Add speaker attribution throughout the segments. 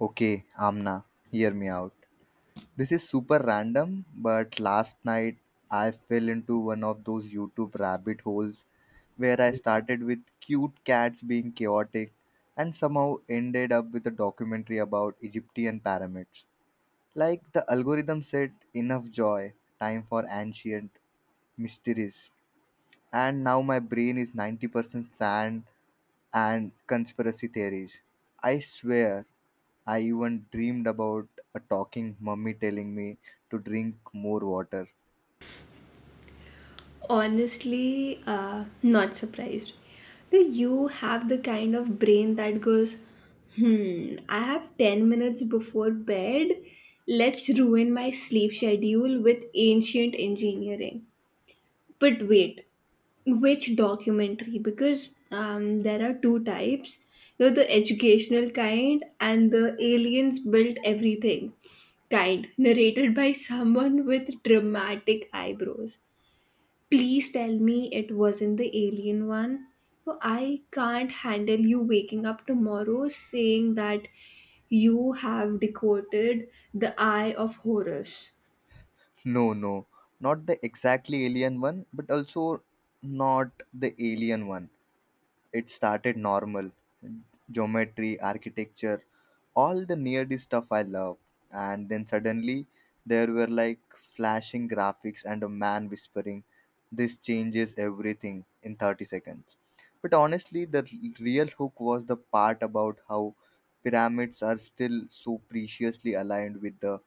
Speaker 1: Okay, Amna, hear me out. This is super random, but last night I fell into one of those YouTube rabbit holes where I started with cute cats being chaotic and somehow ended up with a documentary about Egyptian pyramids. Like the algorithm said, enough joy, time for ancient mysteries. And now my brain is 90% sand and conspiracy theories. I swear I even dreamed about a talking mummy telling me to drink more water.
Speaker 2: Honestly, not surprised. Do you have the kind of brain that goes, hmm, I have 10 minutes before bed? Let's ruin my sleep schedule with ancient engineering. But wait, which documentary? Because there are two types, you know, the educational kind and the aliens built everything kind, narrated by someone with dramatic eyebrows. Please tell me it wasn't the alien one. Oh, I can't handle you waking up tomorrow saying that you have decoded the Eye of Horus.
Speaker 1: No, no, not the exactly alien one, but also not the alien one. It started normal geometry, architecture, all the nerdy stuff I love. And then suddenly there were like flashing graphics and a man whispering, this changes everything in 30 seconds. But honestly, real hook was the part about how pyramids are still so preciously aligned with the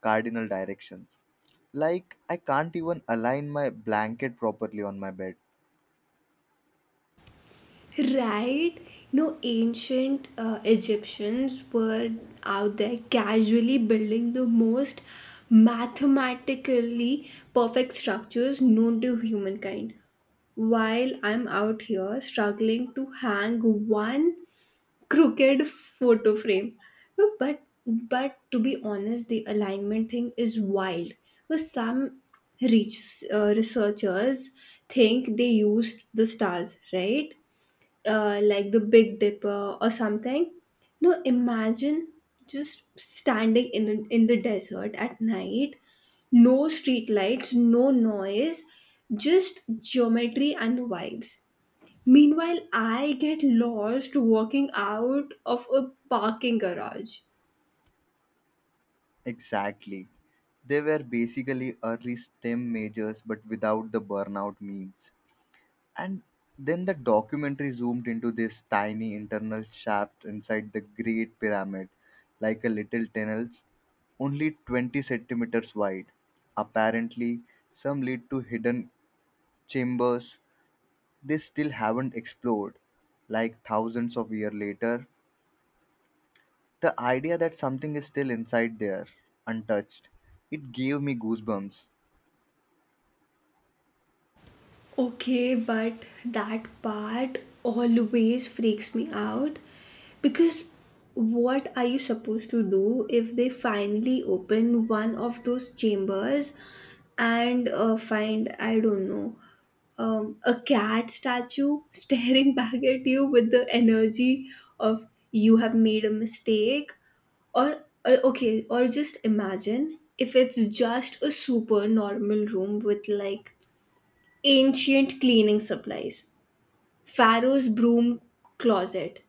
Speaker 1: cardinal directions. Like, I can't even align my blanket properly on my bed.
Speaker 2: Right? No, ancient Egyptians were out there casually building the most mathematically perfect structures known to humankind while I'm out here struggling to hang one crooked photo frame. No. But to be honest, the alignment thing is wild. Well, some reach, researchers think they used the stars, right? Like the Big Dipper or something. No, imagine just standing in the desert at night, no street lights, no noise, just geometry and vibes. Meanwhile, I get lost walking out of a parking garage.
Speaker 1: Exactly. They were basically early STEM majors but without the burnout means. And then the documentary zoomed into this tiny internal shaft inside the Great Pyramid, like a little tunnel, only 20 centimeters wide. Apparently, some lead to hidden chambers they still haven't explored. Like thousands of years later, the idea that something is still inside there, untouched, it gave me goosebumps.
Speaker 2: Okay, but that part always freaks me out because what are you supposed to do if they finally open one of those chambers and find, I don't know, a cat statue staring back at you with the energy of you have made a mistake? Or or just imagine if it's just a super normal room with like ancient cleaning supplies, Pharaoh's broom closet.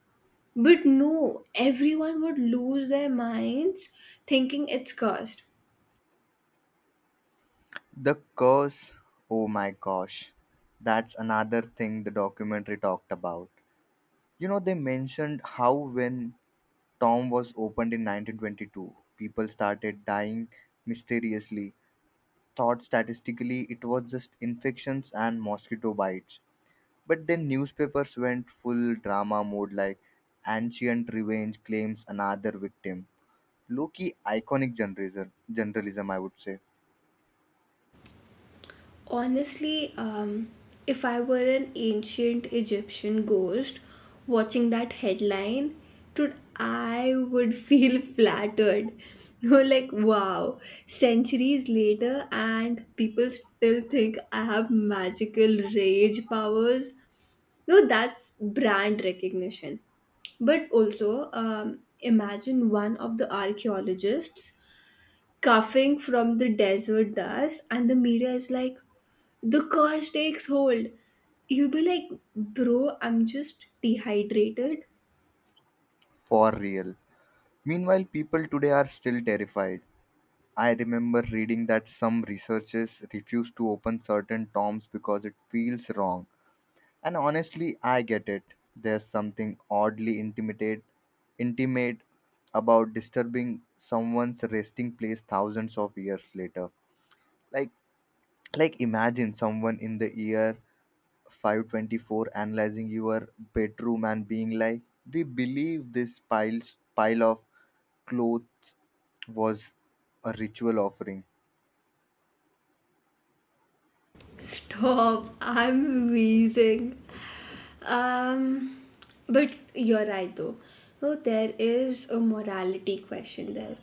Speaker 2: But no, everyone would lose their minds thinking it's cursed.
Speaker 1: The curse, oh my gosh, that's another thing the documentary talked about. You know, they mentioned how when Tom was opened in 1922, people started dying mysteriously, thought statistically it was just infections and mosquito bites. But then newspapers went full drama mode like ancient revenge claims another victim. Low-key iconic generalism, generalism I would say,
Speaker 2: Honestly, if I were an ancient Egyptian ghost watching that headline, dude, I would feel flattered. Like, wow, centuries later, and people still think I have magical rage powers. No, that's brand recognition. But also, imagine one of the archaeologists coughing from the desert dust, and the media is like, the curse takes hold. You'd be like, bro, I'm just dehydrated.
Speaker 1: for real. Meanwhile, people today are still terrified. I remember reading that some researchers refuse to open certain toms because it feels wrong. And honestly, I get it. There's something oddly intimate about disturbing someone's resting place thousands of years later. Like, like, imagine someone in the year 524 analyzing your bedroom and being like, "We believe this pile of clothes was a ritual offering."
Speaker 2: Stop, I'm wheezing. Um, but you're right though. No, there is a morality question there.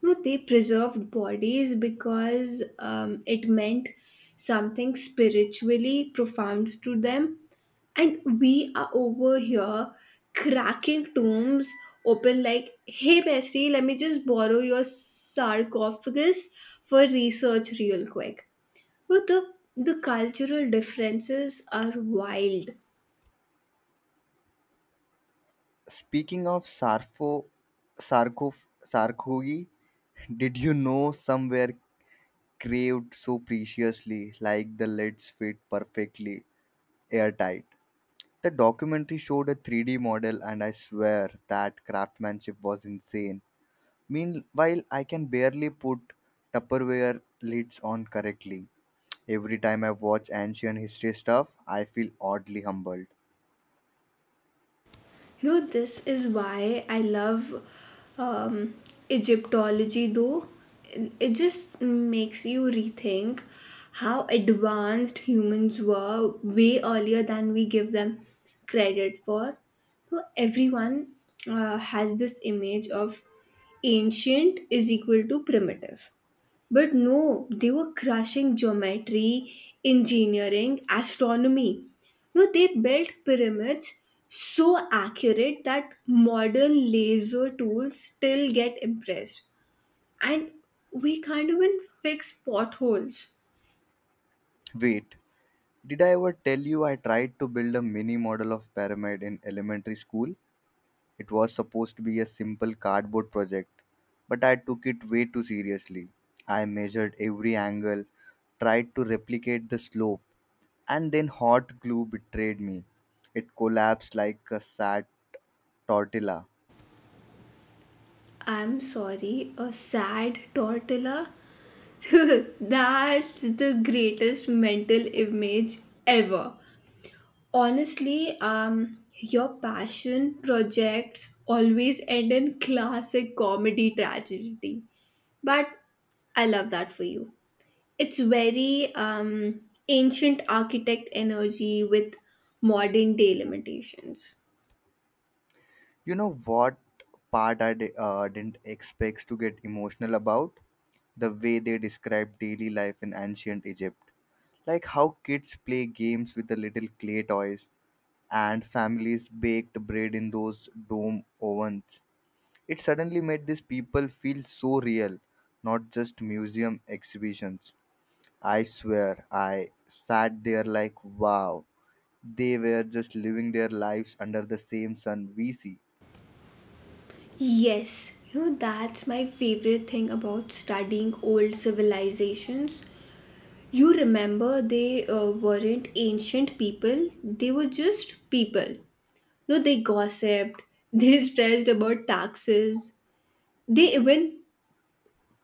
Speaker 2: No, they preserved bodies because it meant something spiritually profound to them. And we are over here cracking tombs open like, hey bestie, let me just borrow your sarcophagus for research real quick. But the cultural differences are wild.
Speaker 1: Speaking of Sarfo, Sarko, Sarkogi, did you know somewhere craved so preciously, like the lids fit perfectly airtight? The documentary showed a 3D model, and I swear that craftsmanship was insane. Meanwhile, I can barely put Tupperware lids on correctly. Every time I watch ancient history stuff, I feel oddly humbled.
Speaker 2: You know, this is why I love um, Egyptology. Though it just makes you rethink how advanced humans were way earlier than we give them credit for. So everyone has this image of ancient is equal to primitive. But no, they were crushing geometry, engineering, astronomy. No, they built pyramids so accurate that modern laser tools still get impressed. And we can't even fix potholes.
Speaker 1: Wait, did I ever tell you I tried to build a mini model of pyramid in elementary school? It was supposed to be a simple cardboard project, but I took it way too seriously. I measured every angle, tried to replicate the slope, and then hot glue betrayed me. It collapsed like a sad tortilla.
Speaker 2: I'm sorry, a sad tortilla? That's the greatest mental image ever. Honestly, your passion projects always end in classic comedy tragedy. But I love that for you. It's very ancient architect energy with modern day limitations.
Speaker 1: You know what part I didn't expect to get emotional about? The way they described daily life in ancient Egypt, like how kids play games with the little clay toys and families baked bread in those dome ovens. It suddenly made these people feel so real, not just museum exhibitions. I swear, I sat there like, wow, they were just living their lives under the same sun we see.
Speaker 2: Yes, you know, that's my favorite thing about studying old civilizations. You remember they weren't ancient people, they were just people. No, they gossiped. They stressed about taxes. They even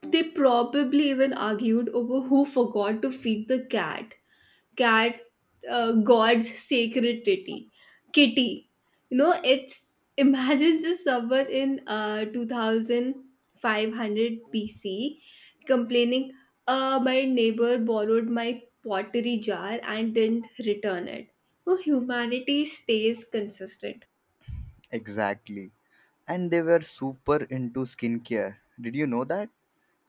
Speaker 2: they probably even argued over who forgot to feed the cat. Cat, God's sacred titty, kitty. You know, it's imagine just someone in 2500 BC complaining, my neighbor borrowed my pottery jar and didn't return it. No, humanity stays consistent.
Speaker 1: Exactly. And they were super into skincare. Did you know that?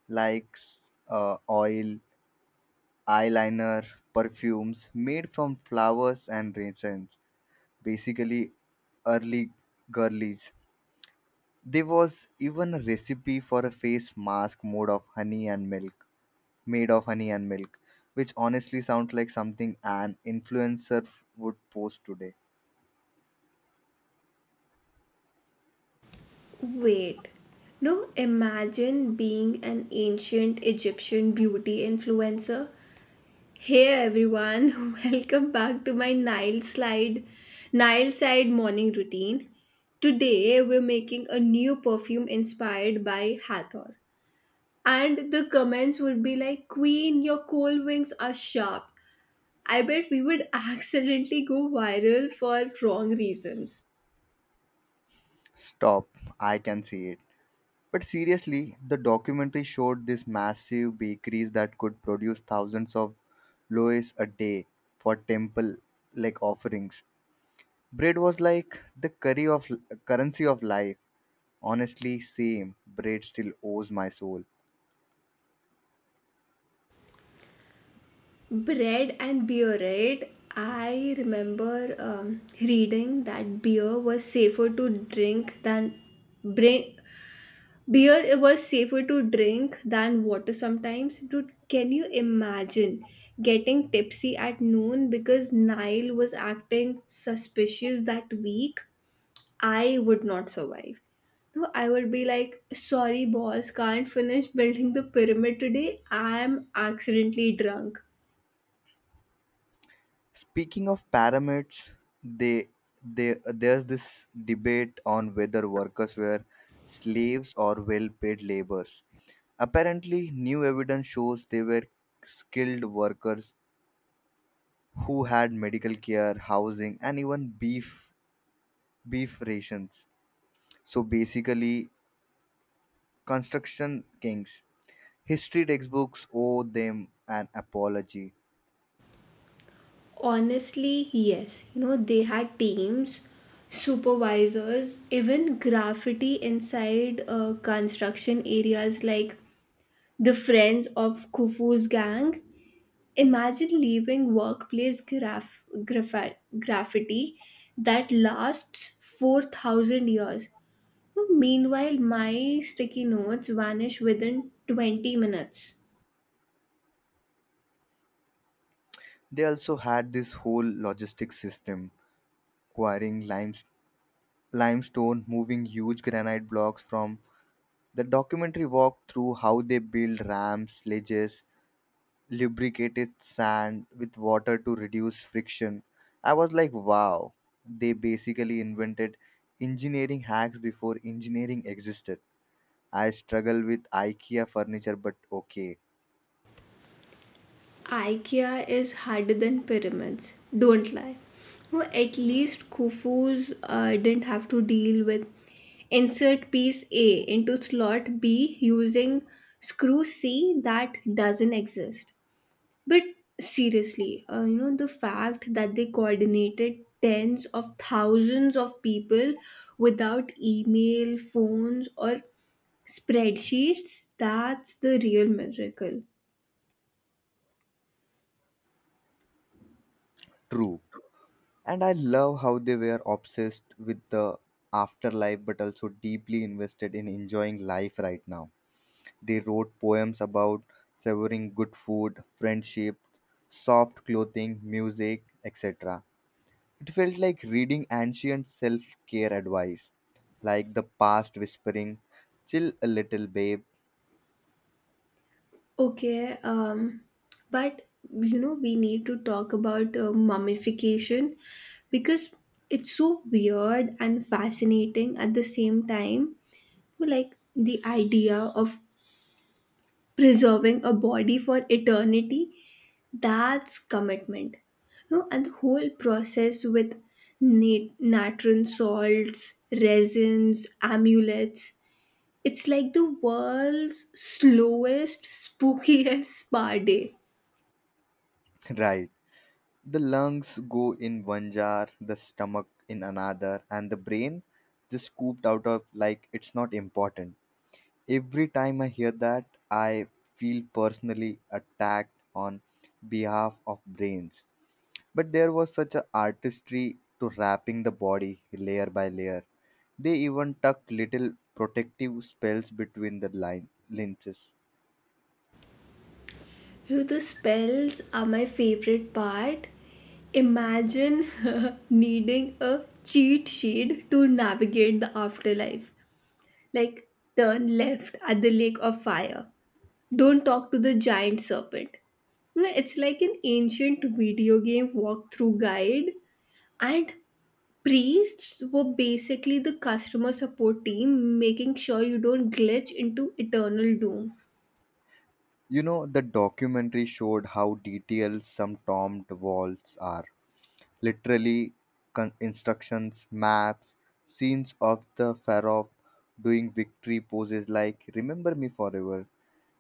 Speaker 1: Like oil, eyeliner, perfumes made from flowers and resins, basically early girlies. There was even a recipe for a face mask made of honey and milk, made of honey and milk, which honestly sounds like something an influencer would post today.
Speaker 2: Wait. No, imagine being an ancient Egyptian beauty influencer. Hey everyone, welcome back to my Nile side morning routine. Today we're making a new perfume inspired by Hathor. And the comments would be like, Queen, your cold wings are sharp. I bet we would accidentally go viral for wrong reasons.
Speaker 1: Stop, I can see it. But seriously, the documentary showed these massive bakeries that could produce thousands of loaves a day for temple like offerings. Bread was like the curry of currency of life. Honestly, same. Bread still owes my soul.
Speaker 2: Bread and beer, right? I remember reading that beer was safer to drink than bring beer it was safer to drink than water sometimes. Dude, can you imagine getting tipsy at noon because Nile was acting suspicious that week? I would not survive. No, I would be like, sorry, boss, can't finish building the pyramid today. I'm accidentally drunk.
Speaker 1: Speaking of pyramids, they they there's this debate on whether workers were slaves or well-paid laborers. Apparently, new evidence shows they were skilled workers who had medical care, housing, and even beef rations. So basically, construction kings. History textbooks owe them an apology.
Speaker 2: Honestly, yes. You know, they had teams, supervisors, even graffiti inside construction areas like the Friends of Khufu's gang. Imagine leaving workplace graffiti that lasts 4,000 years. Meanwhile, my sticky notes vanish within 20 minutes.
Speaker 1: They also had this whole logistic system, quarrying limestone, moving huge granite blocks from the documentary walked through how they built ramps, sledges, lubricated sand with water to reduce friction. I was like, wow, they basically invented engineering hacks before engineering existed. I struggle with IKEA furniture, but okay,
Speaker 2: IKEA is harder than pyramids. Don't lie. No, at least Khufu's didn't have to deal with insert piece A into slot B using screw C that doesn't exist. But seriously, you know, the fact that they coordinated tens of thousands of people without email, phones, or spreadsheets, that's the real miracle.
Speaker 1: true. And I love how they were obsessed with the afterlife but also deeply invested in enjoying life right now. They wrote poems about savoring good food, friendship, soft clothing, music, etc. It felt like reading ancient self care advice, like the past whispering, chill a little, babe.
Speaker 2: Okay, but you know, we need to talk about mummification because it's so weird and fascinating at the same time. Like the idea of preserving a body for eternity, that's commitment. No, and the whole process with natron salts, resins, amulets. It's like the world's slowest, spookiest spa day.
Speaker 1: Right. The lungs go in one jar, the stomach in another, and the brain just scooped out of like it's not important. Every time I hear that I feel personally attacked on behalf of brains. But there was such an artistry to wrapping the body layer by layer. They even tucked little protective spells between the line lenses.
Speaker 2: The spells are my favorite part. Imagine needing a cheat sheet to navigate the afterlife. Like, turn left at the lake of fire. Don't talk to the giant serpent. No, it's like an ancient video game walkthrough guide. And priests were basically the customer support team, making sure you don't glitch into eternal doom.
Speaker 1: You know, the documentary showed how detailed some tombed walls are, literally instructions, maps, scenes of the pharaoh doing victory poses like "Remember me forever."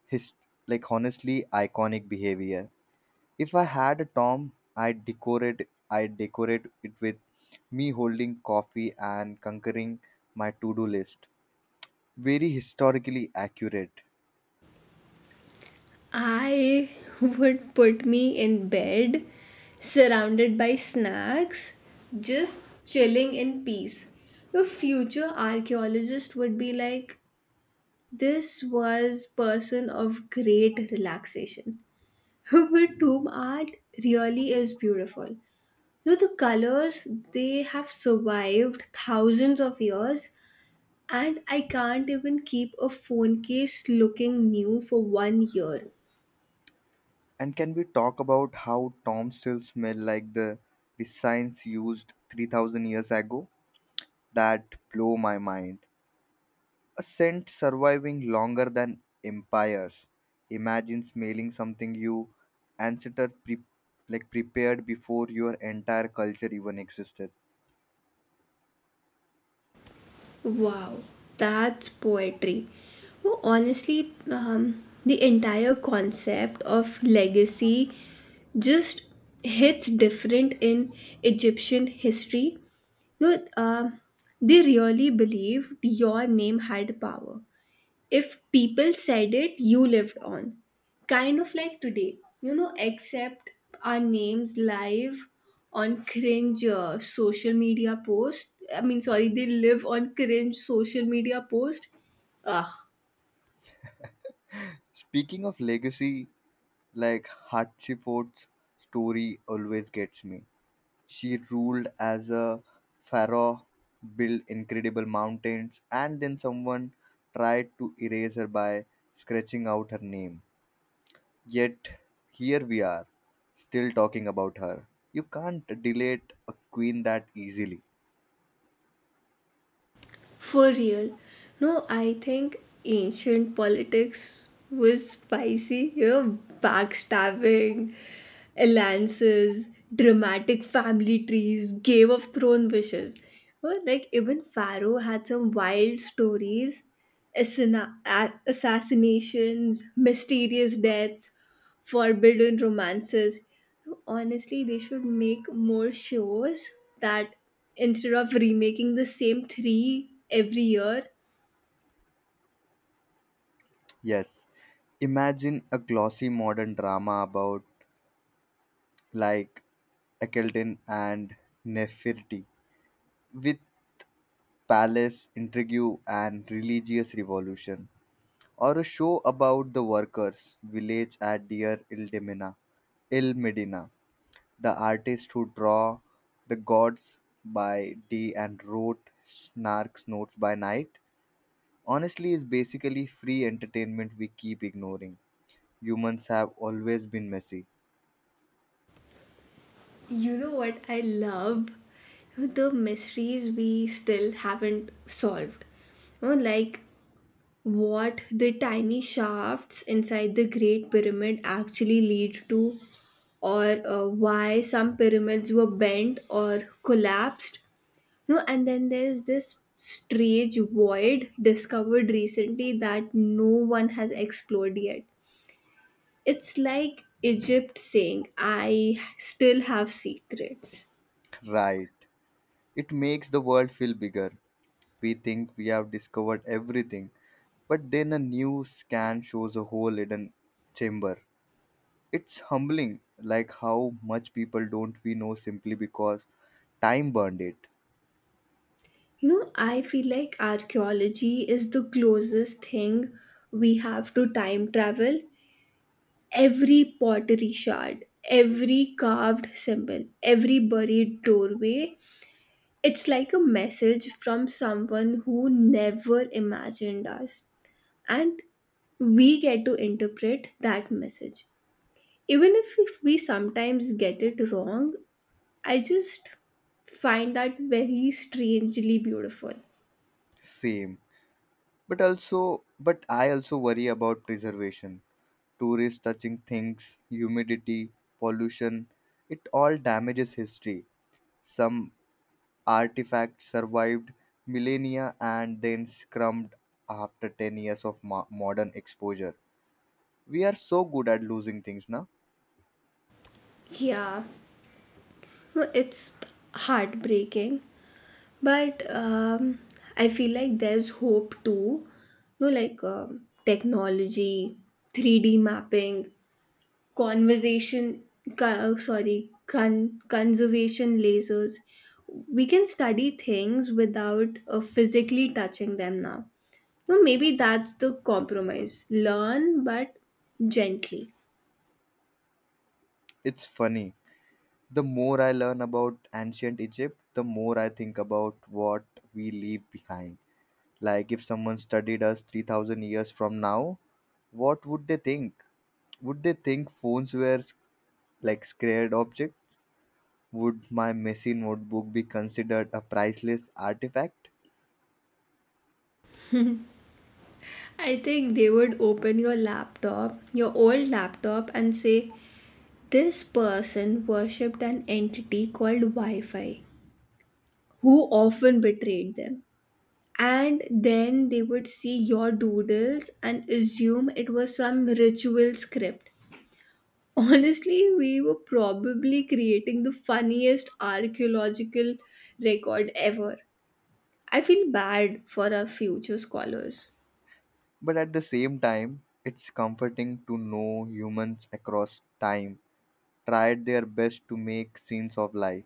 Speaker 1: His like honestly iconic behavior. If I had a Tom, I'd decorate it with me holding coffee and conquering my to-do list. Very historically accurate.
Speaker 2: I would put me in bed surrounded by snacks, just chilling in peace. The future archaeologist would be like, this was person of great relaxation. But tomb art really is beautiful. You know, the colors, they have survived thousands of years and I can't even keep a phone case looking new for 1 year.
Speaker 1: And can we talk about how Tom still smell like the designs used 3000 years ago? That blow my mind. A scent surviving longer than empires. Imagine smelling something you ancestor like prepared before your entire culture even existed.
Speaker 2: Wow, that's poetry. Well, honestly, the entire concept of legacy just hits different in Egyptian history. No, they really believed your name had power. If people said it, you lived on. Kind of like today, you know, except our names live on cringe social media post. I mean, sorry, they live on cringe social media post. Ugh.
Speaker 1: Speaking of legacy, like Hatshepsut's story always gets me. She ruled as a pharaoh, built incredible mountains, and then someone tried to erase her by scratching out her name. Yet, here we are, still talking about her. You can't delete a queen that easily.
Speaker 2: For real. No, I think ancient politics was spicy. You know, backstabbing, alliances, dramatic family trees, Game of Thrones wishes. Well, like even Pharaoh had some wild stories, assassinations, mysterious deaths, forbidden romances. Honestly, they should make more shows that instead of remaking the same three every year.
Speaker 1: Yes, imagine a glossy modern drama about, like, Ekelton and Nefertiti with palace intrigue and religious revolution, or a show about the workers' village at Deir el Demina, El Medina, The Artist Who Draw, The Gods by D and wrote Snark's Notes by Night, honestly is basically free entertainment we keep ignoring. Humans have always been messy.
Speaker 2: You know what I love? The mysteries we still haven't solved. You know, like what the tiny shafts inside the Great Pyramid actually lead to, or why some pyramids were bent or collapsed. No, and then there's this strange void discovered recently that no one has explored yet. It's like Egypt saying, I still have secrets.
Speaker 1: Right. It makes the world feel bigger. We think we have discovered everything, but then a new scan shows a whole hidden chamber. It's humbling, like how much people don't we know simply because time burned it.
Speaker 2: You know, I feel like archaeology is the closest thing we have to time travel. Every pottery shard, every carved symbol, every buried doorway. It's like a message from someone who never imagined us. And we get to interpret that message. Even if we sometimes get it wrong, I just find that very strangely beautiful.
Speaker 1: Same. But also, but I also worry about preservation. Tourists touching things, humidity, pollution, it all damages history. Some artifacts survived millennia and then scrumped after 10 years of modern exposure. We are so good at losing things now.
Speaker 2: Yeah, it's heartbreaking. But I feel like there's hope too. No, like technology, 3D mapping, conversation, co- sorry, con- conservation lasers. We can study things without physically touching them now. No, maybe that's the compromise. Learn, but gently.
Speaker 1: It's funny. The more I learn about ancient Egypt, the more I think about what we leave behind. Like, if someone studied us 3000 years from now, what would they think? Would they think phones were like scared objects? Would my messy notebook be considered a priceless artifact?
Speaker 2: I think they would open your laptop, your old laptop, and say, this person worshipped an entity called Wi Fi, who often betrayed them. And then they would see your doodles and assume it was some ritual script. Honestly, we were probably creating the funniest archaeological record ever. I feel bad for our future scholars.
Speaker 1: But at the same time, it's comforting to know humans across time tried their best to make scenes of life.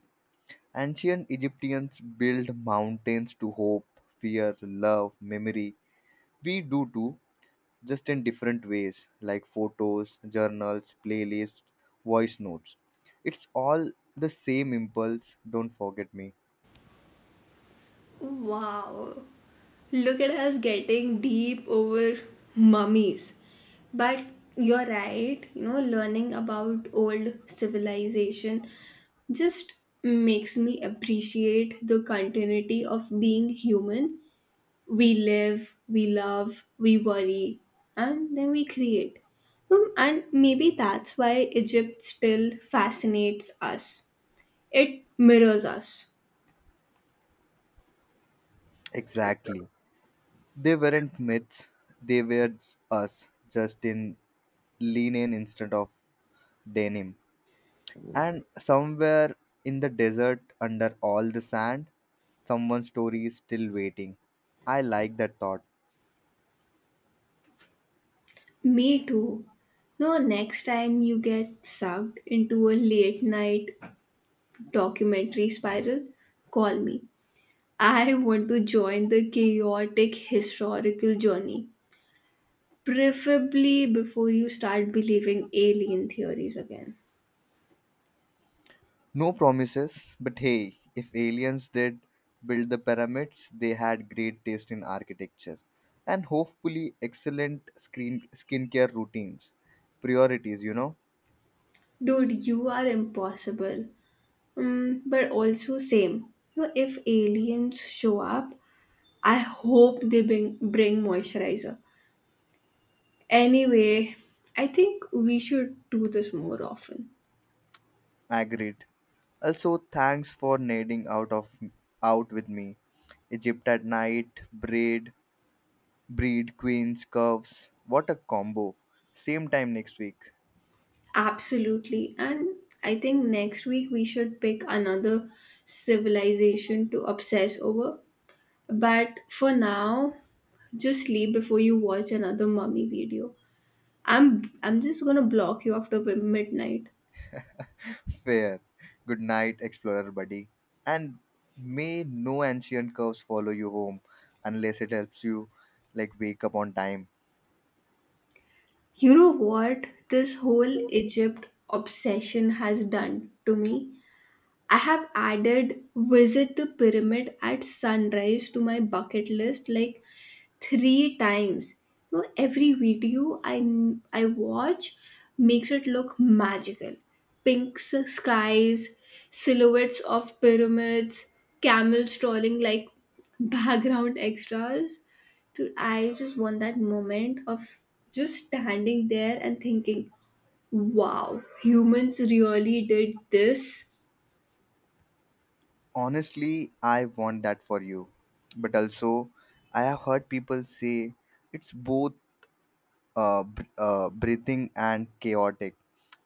Speaker 1: Ancient Egyptians built mountains to hope, fear, love, memory. We do too, just in different ways like photos, journals, playlists, voice notes. It's all the same impulse, don't forget me.
Speaker 2: Wow. Look at us getting deep over mummies. But you're right, you know, learning about old civilization just makes me appreciate the continuity of being human. We live, we love, we worry, and then we create. And maybe that's why Egypt still fascinates us. It mirrors us.
Speaker 1: Exactly. They weren't myths, they were us, just in linen instead of denim. And somewhere in the desert, under all the sand, someone's story is still waiting. I like that thought.
Speaker 2: Me too. No, next time you get sucked into a late night documentary spiral, call me. I want to join the chaotic historical journey, preferably before you start believing alien theories again.
Speaker 1: No promises, but hey, if aliens did build the pyramids, they had great taste in architecture and hopefully excellent screen skincare routines. Priorities, you know.
Speaker 2: Dude, you are impossible. Mm, but also, same. You know, if aliens show up, I hope they bring moisturizer. Anyway, I think we should do this more often.
Speaker 1: Agreed. Also, thanks for nading out with me. Egypt at night, braid, breed, queens, curves. What a combo. Same time next week.
Speaker 2: Absolutely. And I think next week we should pick another civilization to obsess over. But for now, just sleep before you watch another mummy video. I'm just gonna block you after midnight.
Speaker 1: Fair. Good night, explorer buddy. And may no ancient curse follow you home unless it helps you like wake up on time.
Speaker 2: You know what this whole Egypt obsession has done to me? I have added visit the pyramid at sunrise to my bucket list like three times. You know, every video I watch makes it look magical. Skies, silhouettes of pyramids, camels trolling like background extras. Dude, I just want that moment of just standing there and thinking, wow, humans really did this.
Speaker 1: Honestly, I want that for you. But also, I have heard people say it's both breathing and chaotic.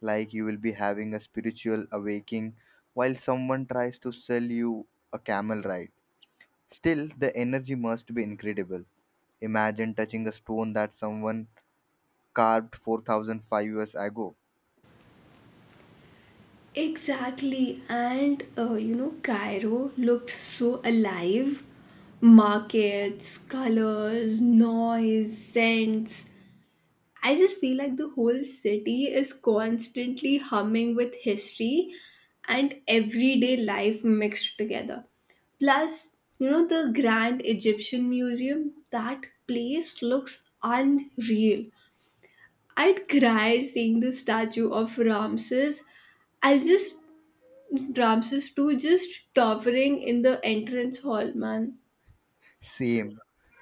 Speaker 1: Like you will be having a spiritual awakening while someone tries to sell you a camel ride. Still, the energy must be incredible. Imagine touching a stone that someone carved 4005 years ago.
Speaker 2: Exactly, and you know, Cairo looked so alive. Markets, colors, noise, scents. I just feel like the whole city is constantly humming with history and everyday life mixed together. Plus, you know, the Grand Egyptian Museum, that place looks unreal. I'd cry seeing the statue of Ramses. I'll just Ramses too, just towering in the entrance hall, man.
Speaker 1: Same.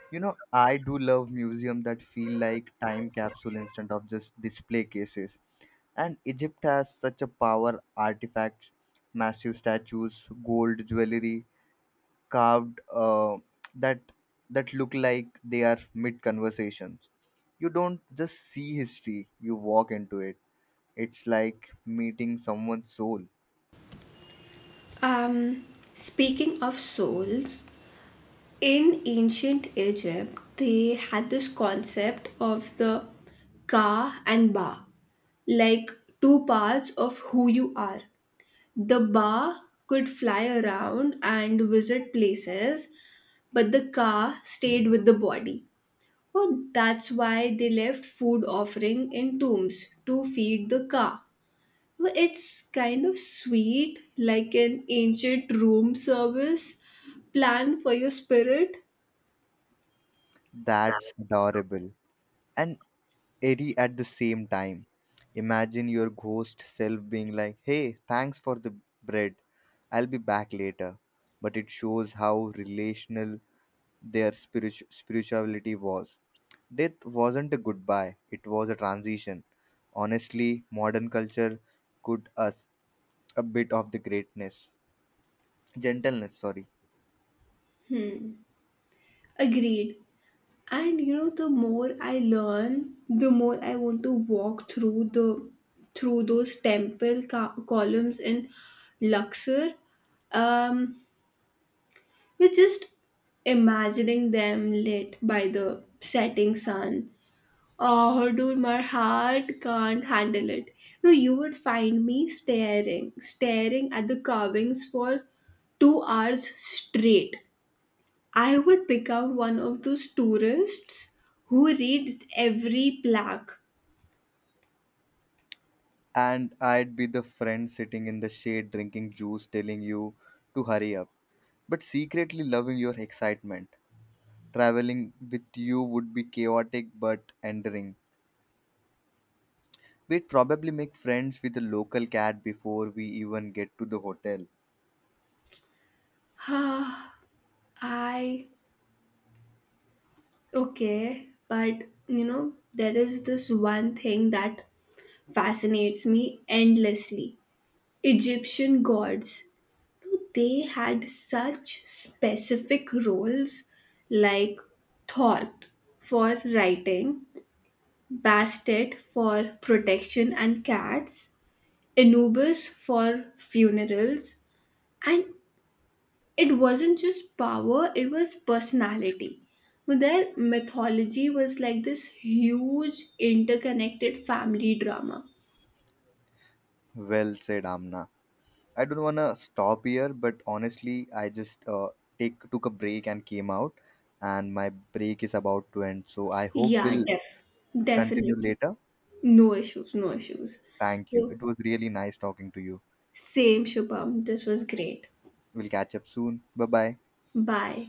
Speaker 1: You know, I do love museum that feel like time capsule instead of just display cases. And Egypt has such a power artifacts, massive statues, gold jewelry carved that that look like they are mid conversations. You don't just see history, you walk into it. It's like meeting someone's soul.
Speaker 2: Um, Speaking of souls, in ancient Egypt, they had this concept of the ka and ba, like two parts of who you are. The ba could fly around and visit places, but the ka stayed with the body. Oh, that's why they left food offering in tombs to feed the ka. Well, it's kind of sweet, like an ancient room service plan for your spirit.
Speaker 1: That's adorable. And airy at the same time. Imagine your ghost self being like, hey, thanks for the bread. I'll be back later. But it shows how relational their spirituality was. Death wasn't a goodbye, it was a transition. Honestly, modern culture could us a bit of the greatness. Gentleness, sorry.
Speaker 2: Agreed. And you know, the more I learn, the more I want to walk through the through those temple columns in Luxor. Um, we're just imagining them lit by the setting sun. Oh, dude, my heart can't handle it. No, you would find me staring at the carvings for 2 hours straight. I would become one of those tourists who reads every plaque.
Speaker 1: And I'd be the friend sitting in the shade drinking juice telling you to hurry up, but secretly loving your excitement. Traveling with you would be chaotic but endearing. We'd probably make friends with a local cat before we even get to the hotel.
Speaker 2: Ah, I, okay, but you know, there is this one thing that fascinates me endlessly: Egyptian gods. They had such specific roles, like Thought for writing, Bastet for protection and cats, Anubis for funerals, and it wasn't just power, it was personality. But their mythology was like this huge interconnected family drama.
Speaker 1: Well said, Amna. I don't wanna stop here, but honestly, I just take took a break and came out, and my break is about to end. So I hope
Speaker 2: Yeah,
Speaker 1: we'll continue
Speaker 2: definitely.
Speaker 1: later.
Speaker 2: No issues, no issues.
Speaker 1: Thank you.
Speaker 2: So
Speaker 1: It was really nice talking to you.
Speaker 2: same, Shubham. This was great.
Speaker 1: We'll catch up soon. Bye bye.
Speaker 2: Bye.